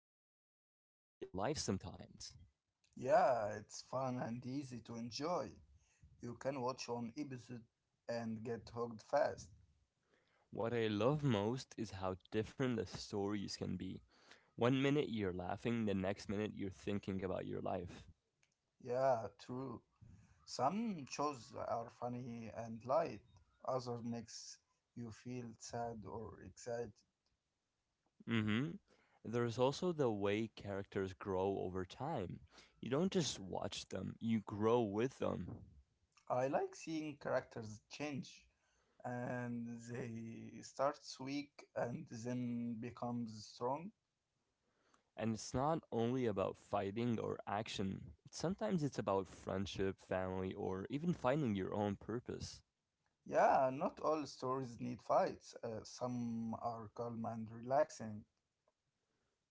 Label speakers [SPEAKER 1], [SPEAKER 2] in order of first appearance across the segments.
[SPEAKER 1] more real than real life sometimes.
[SPEAKER 2] Yeah, it's fun and easy to enjoy. You can watch one episode and get hooked fast.
[SPEAKER 1] What I love most is how different the stories can be. One minute you're laughing, the next minute you're thinking about your life.
[SPEAKER 2] Yeah, true. Some shows are funny and light, others makes you feel sad or excited.
[SPEAKER 1] hmm. There's also the way characters grow over time. You don't just watch them, you grow with them.
[SPEAKER 2] I like seeing characters change and they starts weak and then becomes strong.
[SPEAKER 1] And it's not only about fighting or action. Sometimes it's about friendship, family, or even finding your own purpose.
[SPEAKER 2] Yeah, not all stories need fights. Some are calm and relaxing.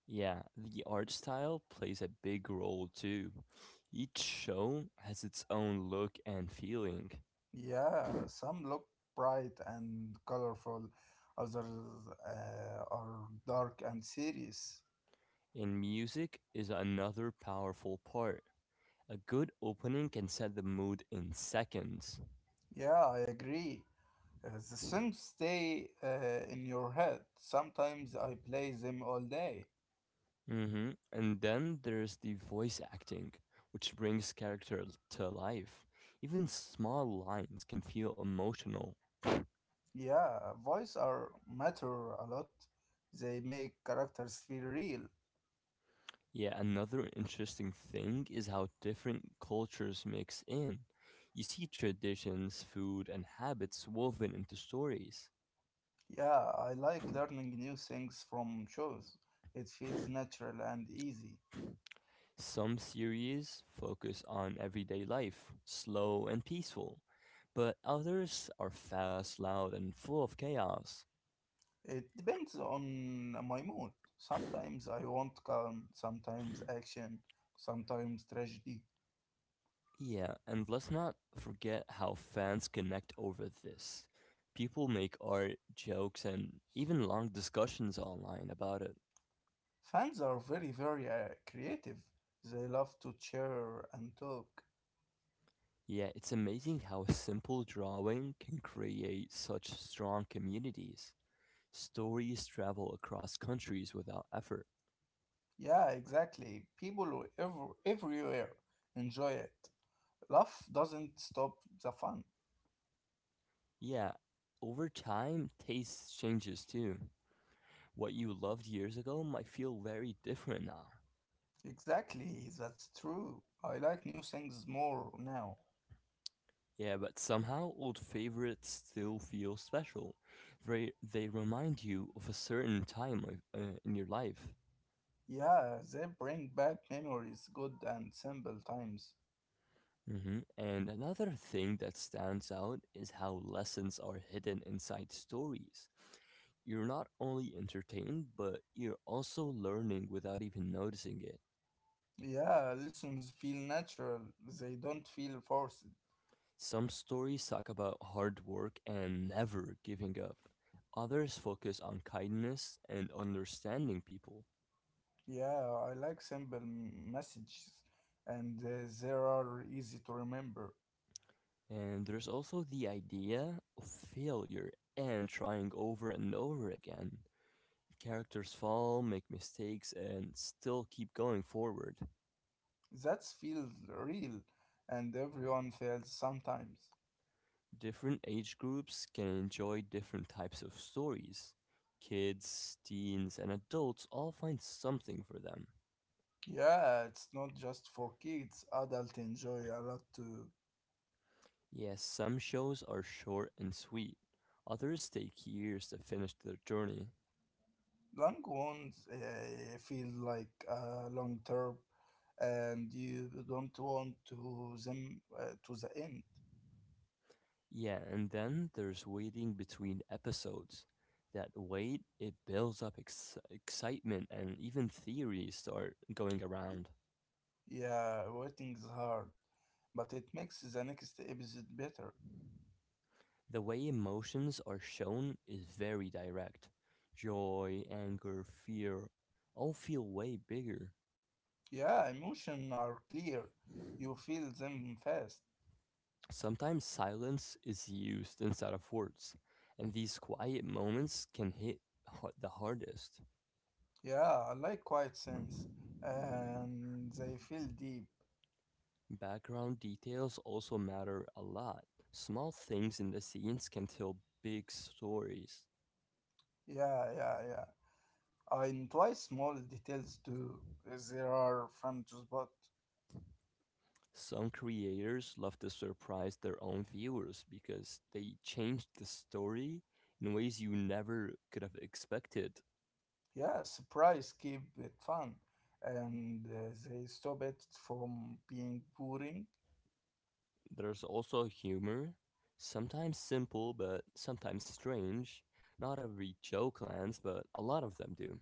[SPEAKER 1] Yeah, the art style plays a big role too. Each show has its own look and feeling,
[SPEAKER 2] Yeah, some look bright and colorful, others are dark and serious.
[SPEAKER 1] and music is another powerful part. A good opening can set the mood in seconds.
[SPEAKER 2] Yeah, I agree. The songs stay in your head. Sometimes I play them all day.
[SPEAKER 1] And then there's the voice acting, which brings to life. Even small lines can feel emotional.
[SPEAKER 2] Yeah, voice are matter a lot. They make characters feel real.
[SPEAKER 1] Yeah, another interesting thing is how different cultures mix in. You see traditions, food, and habits woven into stories.
[SPEAKER 2] Yeah, I like learning new things from shows. It feels natural and easy.
[SPEAKER 1] Some series focus on everyday life, slow and peaceful, but others are fast, loud, and full of chaos.
[SPEAKER 2] It depends on my mood. Sometimes I want calm, sometimes action, sometimes tragedy.
[SPEAKER 1] Yeah, and let's not forget how fans connect over this. People make art, jokes, and even long discussions online about it.
[SPEAKER 2] Fans are very, very creative. They love to cheer and talk.
[SPEAKER 1] Yeah, it's amazing how a simple drawing can create such strong communities. Stories travel across countries without effort.
[SPEAKER 2] Yeah, exactly. People everywhere enjoy it. Love doesn't stop the fun.
[SPEAKER 1] Yeah, over time, taste changes too. What you loved years ago might feel very different now.
[SPEAKER 2] Exactly, that's true. I like new things more now.
[SPEAKER 1] Yeah, but somehow old favorites still feel special. They remind you of a certain in your life.
[SPEAKER 2] Yeah, they bring back memories, good and simple times.
[SPEAKER 1] And another thing that stands out is how lessons are hidden inside stories. You're not only entertained, but you're also learning without even noticing it.
[SPEAKER 2] Yeah, lessons feel natural. They don't feel forced.
[SPEAKER 1] Some stories talk about hard work and never giving up. Others focus on kindness and understanding people.
[SPEAKER 2] Yeah, I like simple messages and they are easy to remember.
[SPEAKER 1] And there's also the idea of failure and trying over and over again. Characters fall, make mistakes, and still keep going forward.
[SPEAKER 2] That feels real and everyone feels sometimes.
[SPEAKER 1] Different age groups can enjoy different types of stories. Kids, teens, and adults all find something for them.
[SPEAKER 2] Yeah, it's not just for kids. Adults enjoy a lot too.
[SPEAKER 1] Yes, some shows are short and sweet, others take years to finish their journey.
[SPEAKER 2] Long ones feel like long term and you don't want to them to the end.
[SPEAKER 1] Yeah, and then there's waiting between episodes. That wait, it builds up excitement, and even theories start going around.
[SPEAKER 2] Yeah, waiting is hard, but it makes the next episode better.
[SPEAKER 1] The way emotions are shown is very direct. Joy, anger, fear all feel way bigger.
[SPEAKER 2] Yeah, emotions are clear. You feel them fast.
[SPEAKER 1] Sometimes silence is used instead of words, and these quiet moments can hit the hardest.
[SPEAKER 2] Yeah, I like quiet scenes. And they feel deep.
[SPEAKER 1] Background details also matter a lot. Small things in the scenes can tell big stories.
[SPEAKER 2] Yeah, yeah, yeah, I enjoy small details too. There are fun to spot.
[SPEAKER 1] Some creators love to surprise their own viewers because they change the story in ways you never could have expected.
[SPEAKER 2] Yeah, surprise keep it fun. And they stop it from being boring.
[SPEAKER 1] There's also humor, sometimes simple but sometimes strange. Not every joke lands, but a lot of them do.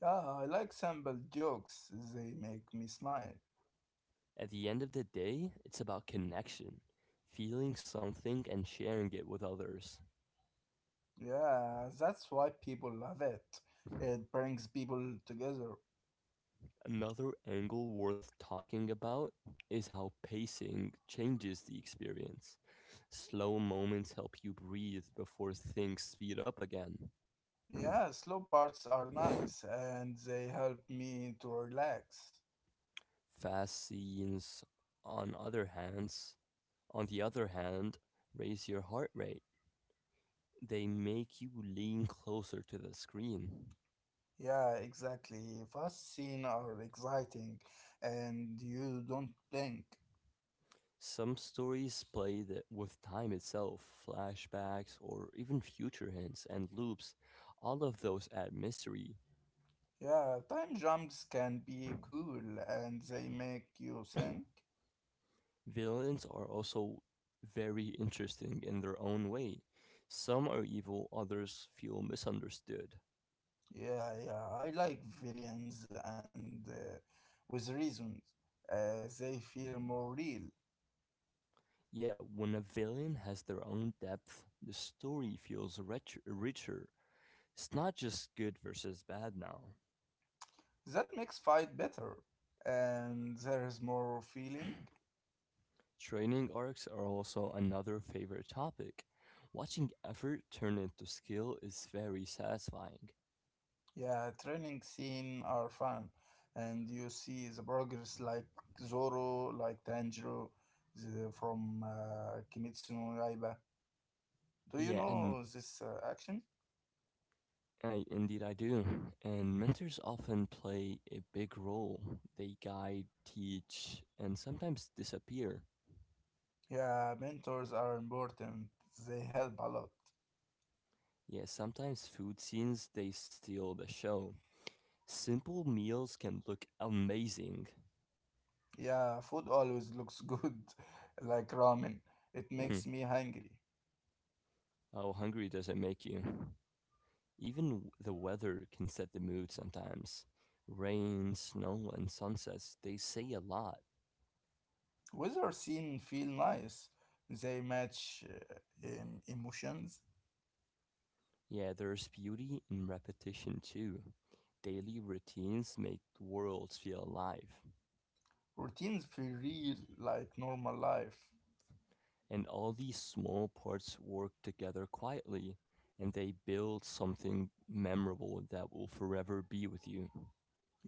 [SPEAKER 2] Yeah, I like simple jokes. They make me smile.
[SPEAKER 1] At the end of the day, it's about connection, feeling something and sharing it with others.
[SPEAKER 2] Yeah, that's why people love it. It brings people together.
[SPEAKER 1] Another angle worth talking about is how pacing changes the experience. Slow moments help you breathe before things speed up again.
[SPEAKER 2] Yeah, slow parts are nice and they help me to relax.
[SPEAKER 1] Fast scenes, on other hands, on the other hand, raise your heart rate. They make you lean closer to the screen.
[SPEAKER 2] Yeah, exactly. Fast scenes are exciting and you don't blink.
[SPEAKER 1] Some stories play that with time itself, flashbacks or even future hints and loops. All of those add mystery.
[SPEAKER 2] Yeah, time jumps can be cool and they make you think.
[SPEAKER 1] Villains are also very interesting in their own way. Some are evil, others feel misunderstood.
[SPEAKER 2] Yeah, yeah, I like villains and with reasons. They feel more real.
[SPEAKER 1] Yeah, when a villain has their own depth, the story feels richer. It's not just good versus bad now.
[SPEAKER 2] That makes fight better, and there is more feeling.
[SPEAKER 1] Training arcs are also another favorite topic. Watching effort turn into skill is very satisfying.
[SPEAKER 2] Yeah, training scene are fun, and you see the progress like Zoro, like Tanjiro, the, from Kimetsu no Yaiba. Do you
[SPEAKER 1] Yeah, and
[SPEAKER 2] know this action?
[SPEAKER 1] I indeed I do. And mentors often play a big role. They guide, teach, and sometimes disappear.
[SPEAKER 2] Yeah, mentors are important. They help a lot.
[SPEAKER 1] Yeah, sometimes food scenes they steal the show. Simple meals can look amazing.
[SPEAKER 2] Yeah, food always looks good, like ramen. It
[SPEAKER 1] Hmm,
[SPEAKER 2] makes me hungry.
[SPEAKER 1] how hungry does it make you? Even the weather can set the mood sometimes. Rain, snow, and sunsets, they say a lot.
[SPEAKER 2] Weather scene feel nice. They match emotions.
[SPEAKER 1] Yeah, there's beauty in repetition too. Daily routines make worlds feel alive.
[SPEAKER 2] Routines feel real like normal life.
[SPEAKER 1] And all these small parts work together quietly, and they build something memorable that will forever be with you.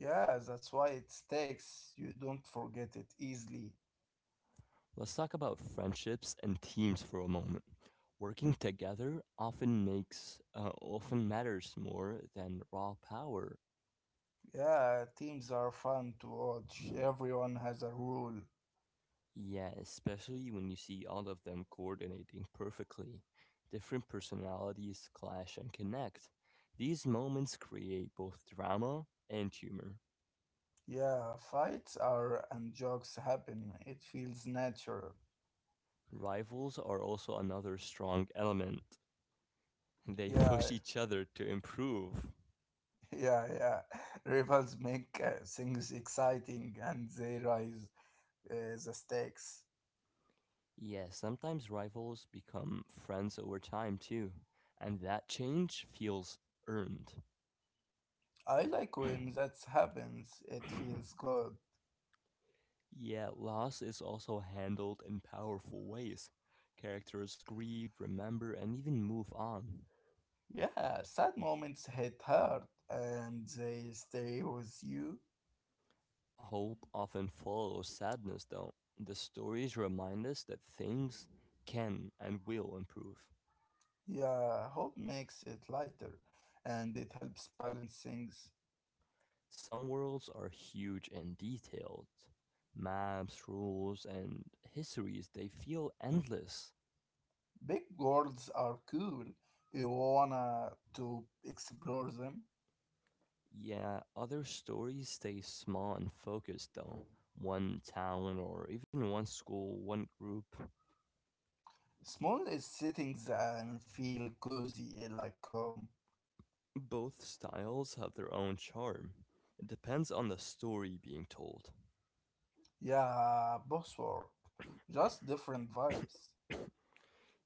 [SPEAKER 2] Yeah, that's why it sticks. You don't forget it easily.
[SPEAKER 1] Let's talk about friendships and teams for a moment. Working together often matters more than raw power.
[SPEAKER 2] Yeah, teams are fun to watch. Everyone has a rule.
[SPEAKER 1] Yeah, especially when you see all of them coordinating perfectly, different personalities clash and connect. These moments create both drama and humor.
[SPEAKER 2] Yeah, fights are and jokes happen. It feels natural.
[SPEAKER 1] Rivals are also another strong element. They
[SPEAKER 2] Yeah,
[SPEAKER 1] push each other to improve.
[SPEAKER 2] yeah, yeah, rivals make things exciting and they rise the stakes.
[SPEAKER 1] Yes, sometimes rivals become friends over time too, and that change feels earned.
[SPEAKER 2] I like when that happens. It feels good.
[SPEAKER 1] Yet loss is also handled in powerful ways. Characters grieve, remember, and even move on.
[SPEAKER 2] Yeah, sad moments hit hard and they stay with you.
[SPEAKER 1] Hope often follows sadness, though. The stories remind us that things can and will improve.
[SPEAKER 2] Yeah, hope makes it lighter and it helps balance things.
[SPEAKER 1] Some worlds are huge and detailed. Maps, rules, and histories, they feel endless.
[SPEAKER 2] Big goals are cool. You wanna to explore them.
[SPEAKER 1] Yeah, other stories stay small and focused though. One town or even one school, one group.
[SPEAKER 2] Small is sitting there and feel cozy eh, like home.
[SPEAKER 1] Both styles have their own charm. It depends on the story being told.
[SPEAKER 2] Yeah, boss work. Just different vibes.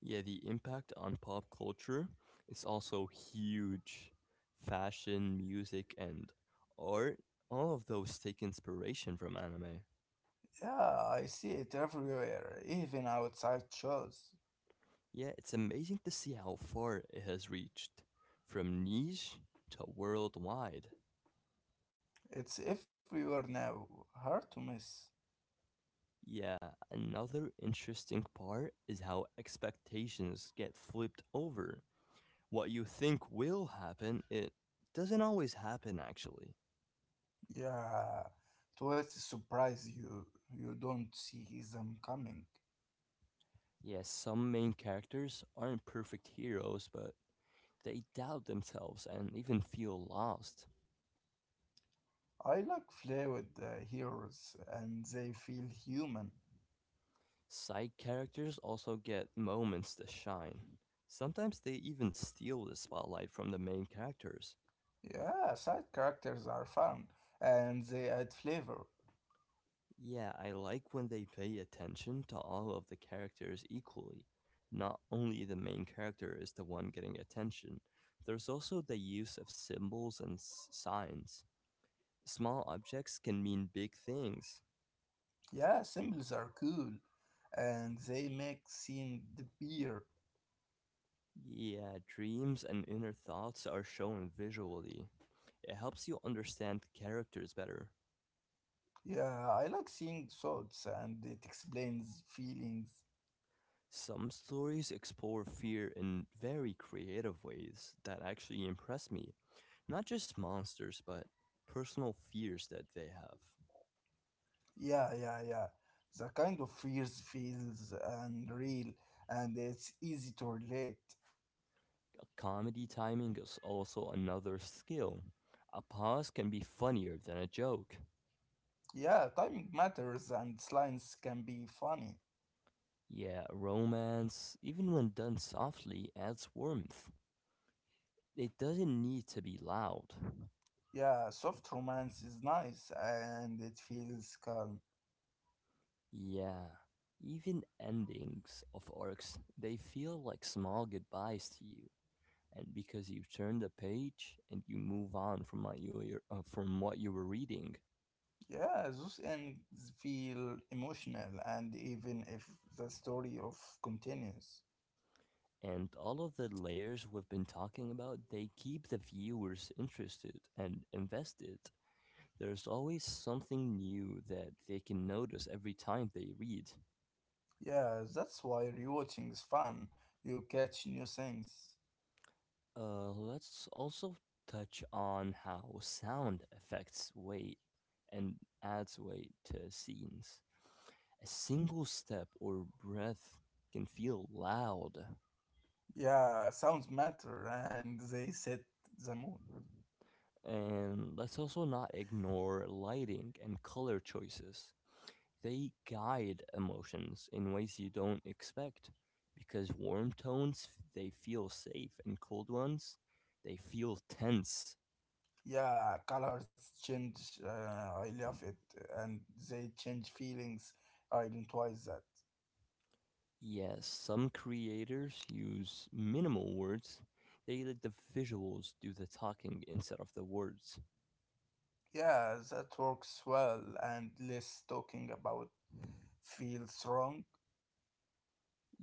[SPEAKER 1] Yeah, the impact on pop culture is also huge. Fashion, music, and art, all of those take inspiration from anime.
[SPEAKER 2] Yeah, I see it everywhere, even outside shows.
[SPEAKER 1] Yeah, it's amazing to see how far it has reached, from niche to worldwide.
[SPEAKER 2] It's everywhere now, hard to miss.
[SPEAKER 1] Yeah, another interesting part is how expectations get flipped over. What you think will happen, it doesn't always happen actually.
[SPEAKER 2] Yeah, towards a surprise you don't see them coming.
[SPEAKER 1] Yes, some main characters aren't perfect heroes, but they doubt themselves and even feel lost.
[SPEAKER 2] I like flawed heroes and they feel human.
[SPEAKER 1] Side characters also get moments to shine. Sometimes they even steal the spotlight from the main characters.
[SPEAKER 2] Yeah, side characters are fun and they add flavor.
[SPEAKER 1] Yeah, I like when they pay attention to all of the characters equally. Not only the main character is the one getting attention, there's also the use of signs. Small objects can mean big things.
[SPEAKER 2] Yeah, symbols are cool and they make scene the beer.
[SPEAKER 1] Yeah, dreams and inner thoughts are shown visually, it helps you understand characters better.
[SPEAKER 2] Yeah, I like seeing thoughts and it explains feelings.
[SPEAKER 1] Some stories explore fear in very creative ways that actually impress me. Not just monsters, but personal fears that they have.
[SPEAKER 2] Yeah, yeah, yeah, the kind of fears feels unreal and it's easy to relate.
[SPEAKER 1] Comedy timing is also another skill. A pause can be funnier than a joke.
[SPEAKER 2] Yeah, timing matters and slimes can be funny.
[SPEAKER 1] Yeah, romance, even when done softly, adds warmth. It doesn't need to be loud.
[SPEAKER 2] Yeah, soft romance is nice and it feels calm.
[SPEAKER 1] Yeah, even endings of arcs, they feel like small goodbyes to you. And because you turn the page and you move on from from what you were reading,
[SPEAKER 2] Yeah, those ends feel emotional and even if the story of continues.
[SPEAKER 1] and all of the layers we've been talking about, they keep the viewers interested and invested. There's always something new that they can notice every time they read.
[SPEAKER 2] Yeah, that's why rewatching is fun. You catch new things.
[SPEAKER 1] Let's also touch on how sound affects weight and adds weight to scenes. A single step or breath can feel loud.
[SPEAKER 2] Yeah, sounds matter and they set the mood.
[SPEAKER 1] And let's also not ignore lighting and color choices. They guide emotions in ways you don't expect because warm tones they feel safe and cold ones they feel tense.
[SPEAKER 2] Yeah, colors change. I love it, and they change feelings. I identifies that.
[SPEAKER 1] Yes, some creators use minimal words. They let the visuals do the talking instead of the words.
[SPEAKER 2] Yeah, that works well, and less talking about feels wrong.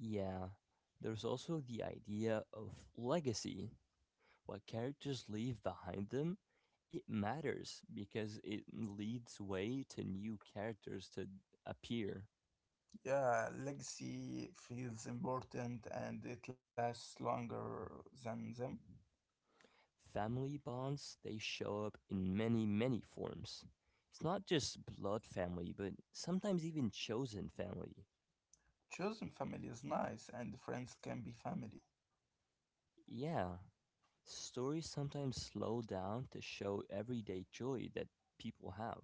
[SPEAKER 1] Yeah, there's also the idea of legacy. What characters leave behind them, it matters because it leads way to new characters to appear.
[SPEAKER 2] Yeah, legacy feels important, and it lasts longer than them.
[SPEAKER 1] Family bonds, they show up in many, many forms. It's not just blood family, but sometimes even chosen family.
[SPEAKER 2] Chosen family is nice, and friends can be family.
[SPEAKER 1] Yeah, stories sometimes slow down to show everyday joy that people have.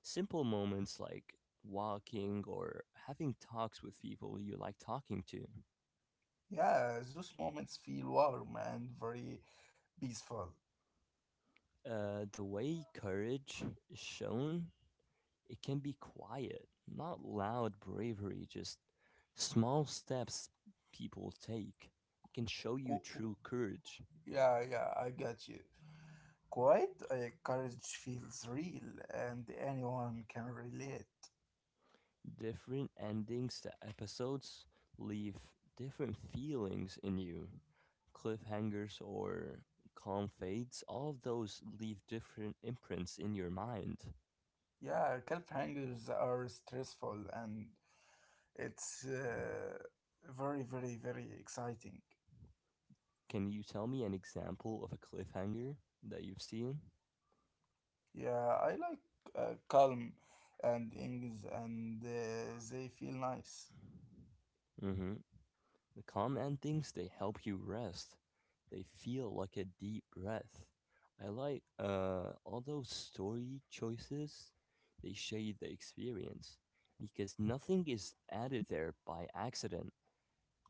[SPEAKER 1] Simple moments like walking or having talks with people you like talking to.
[SPEAKER 2] Yeah, those moments feel warm and very peaceful.
[SPEAKER 1] The way courage is shown, it can be quiet, not loud bravery, just small steps people take. It can show you
[SPEAKER 2] Cool.
[SPEAKER 1] true courage.
[SPEAKER 2] Yeah, yeah, I got you. Quite courage feels real, and anyone can relate.
[SPEAKER 1] Different endings to episodes leave different feelings in you. Cliffhangers or calm fades, all of those leave different imprints in your mind.
[SPEAKER 2] Yeah, cliffhangers are stressful, and it's very, very, very exciting.
[SPEAKER 1] Can you tell me an example of a cliffhanger that you've seen?
[SPEAKER 2] Yeah, I like calm and things, and they feel nice.
[SPEAKER 1] Mm hmm. The calm endings, they help you rest. They feel like a deep breath. I like all those story choices, they shade the experience because nothing is added there by accident.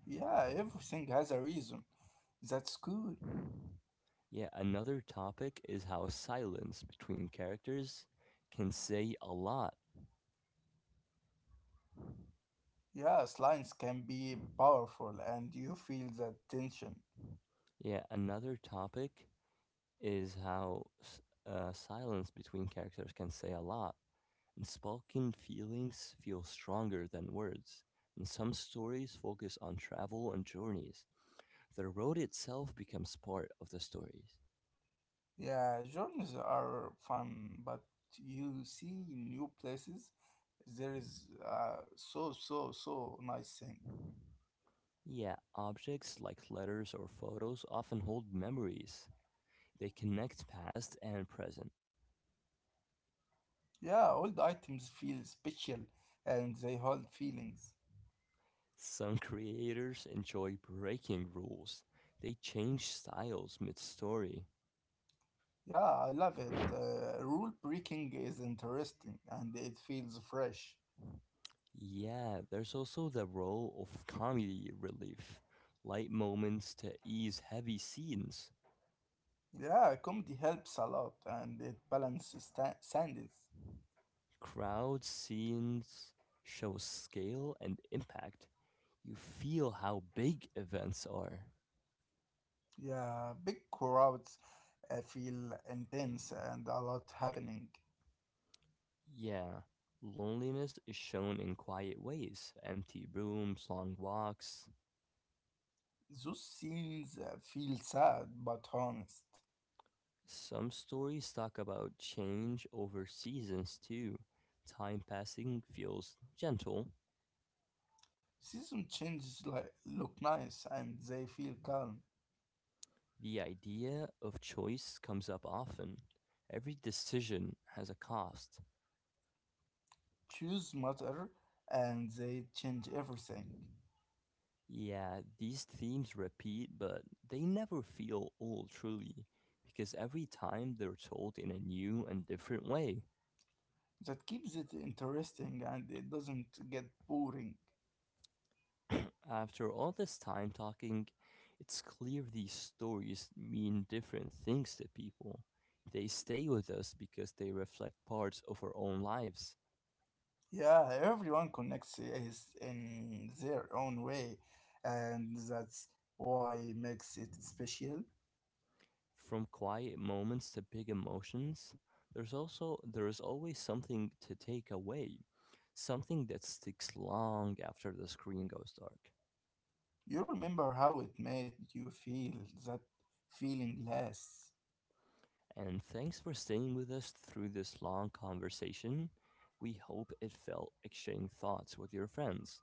[SPEAKER 2] Yeah, everything has a reason. That's good.
[SPEAKER 1] Yet another topic is how silence between characters can say a lot.
[SPEAKER 2] Yeah, slimes can be powerful, and you feel that tension.
[SPEAKER 1] Yet another topic is how s- Silence between characters can say a lot. And spoken feelings feel stronger than words, and some stories focus on travel and journeys. The road itself becomes part of the stories.
[SPEAKER 2] Yeah, journeys are fun, but you see new places. There is so so nice thing.
[SPEAKER 1] Yeah, objects like letters or photos often hold memories. They connect past and present.
[SPEAKER 2] Yeah, old items feel special, and they hold feelings.
[SPEAKER 1] Some creators enjoy breaking rules. They change styles mid story.
[SPEAKER 2] Yeah, I love it. Rule breaking is interesting, and it feels fresh.
[SPEAKER 1] Yeah, there's also the role of comedy relief, light moments to ease heavy scenes.
[SPEAKER 2] Yeah, comedy helps a lot, and it balances standards.
[SPEAKER 1] Crowd scenes show scale and impact. You feel how big events are.
[SPEAKER 2] Yeah, big crowds feel intense and a lot happening.
[SPEAKER 1] Yeah, loneliness is shown in quiet ways empty rooms, long walks.
[SPEAKER 2] Those scenes feel sad but honest.
[SPEAKER 1] Some stories talk about change over seasons too. Time passing feels gentle.
[SPEAKER 2] Season changes like look nice and they feel calm.
[SPEAKER 1] The idea of choice comes up often. Every decision has a cost.
[SPEAKER 2] Choose matter and they change everything.
[SPEAKER 1] Yeah, these themes repeat, but they never feel old truly, because every time they're told in a new and different way.
[SPEAKER 2] That keeps it interesting and it doesn't get boring.
[SPEAKER 1] After all this time talking, it's clear these stories mean different things to people. They stay with us because they reflect parts of our own lives.
[SPEAKER 2] Yeah, everyone connects is in their own way, and that's why makes it special.
[SPEAKER 1] From quiet moments to big emotions, there is always something to take away, something that sticks long after the screen goes dark.
[SPEAKER 2] You remember how it made you feel. That feeling lasts.
[SPEAKER 1] And thanks for staying with us through this long conversation. We hope it felt exchanging thoughts with your friends.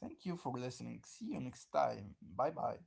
[SPEAKER 2] Thank you for listening. See you next time. Bye bye.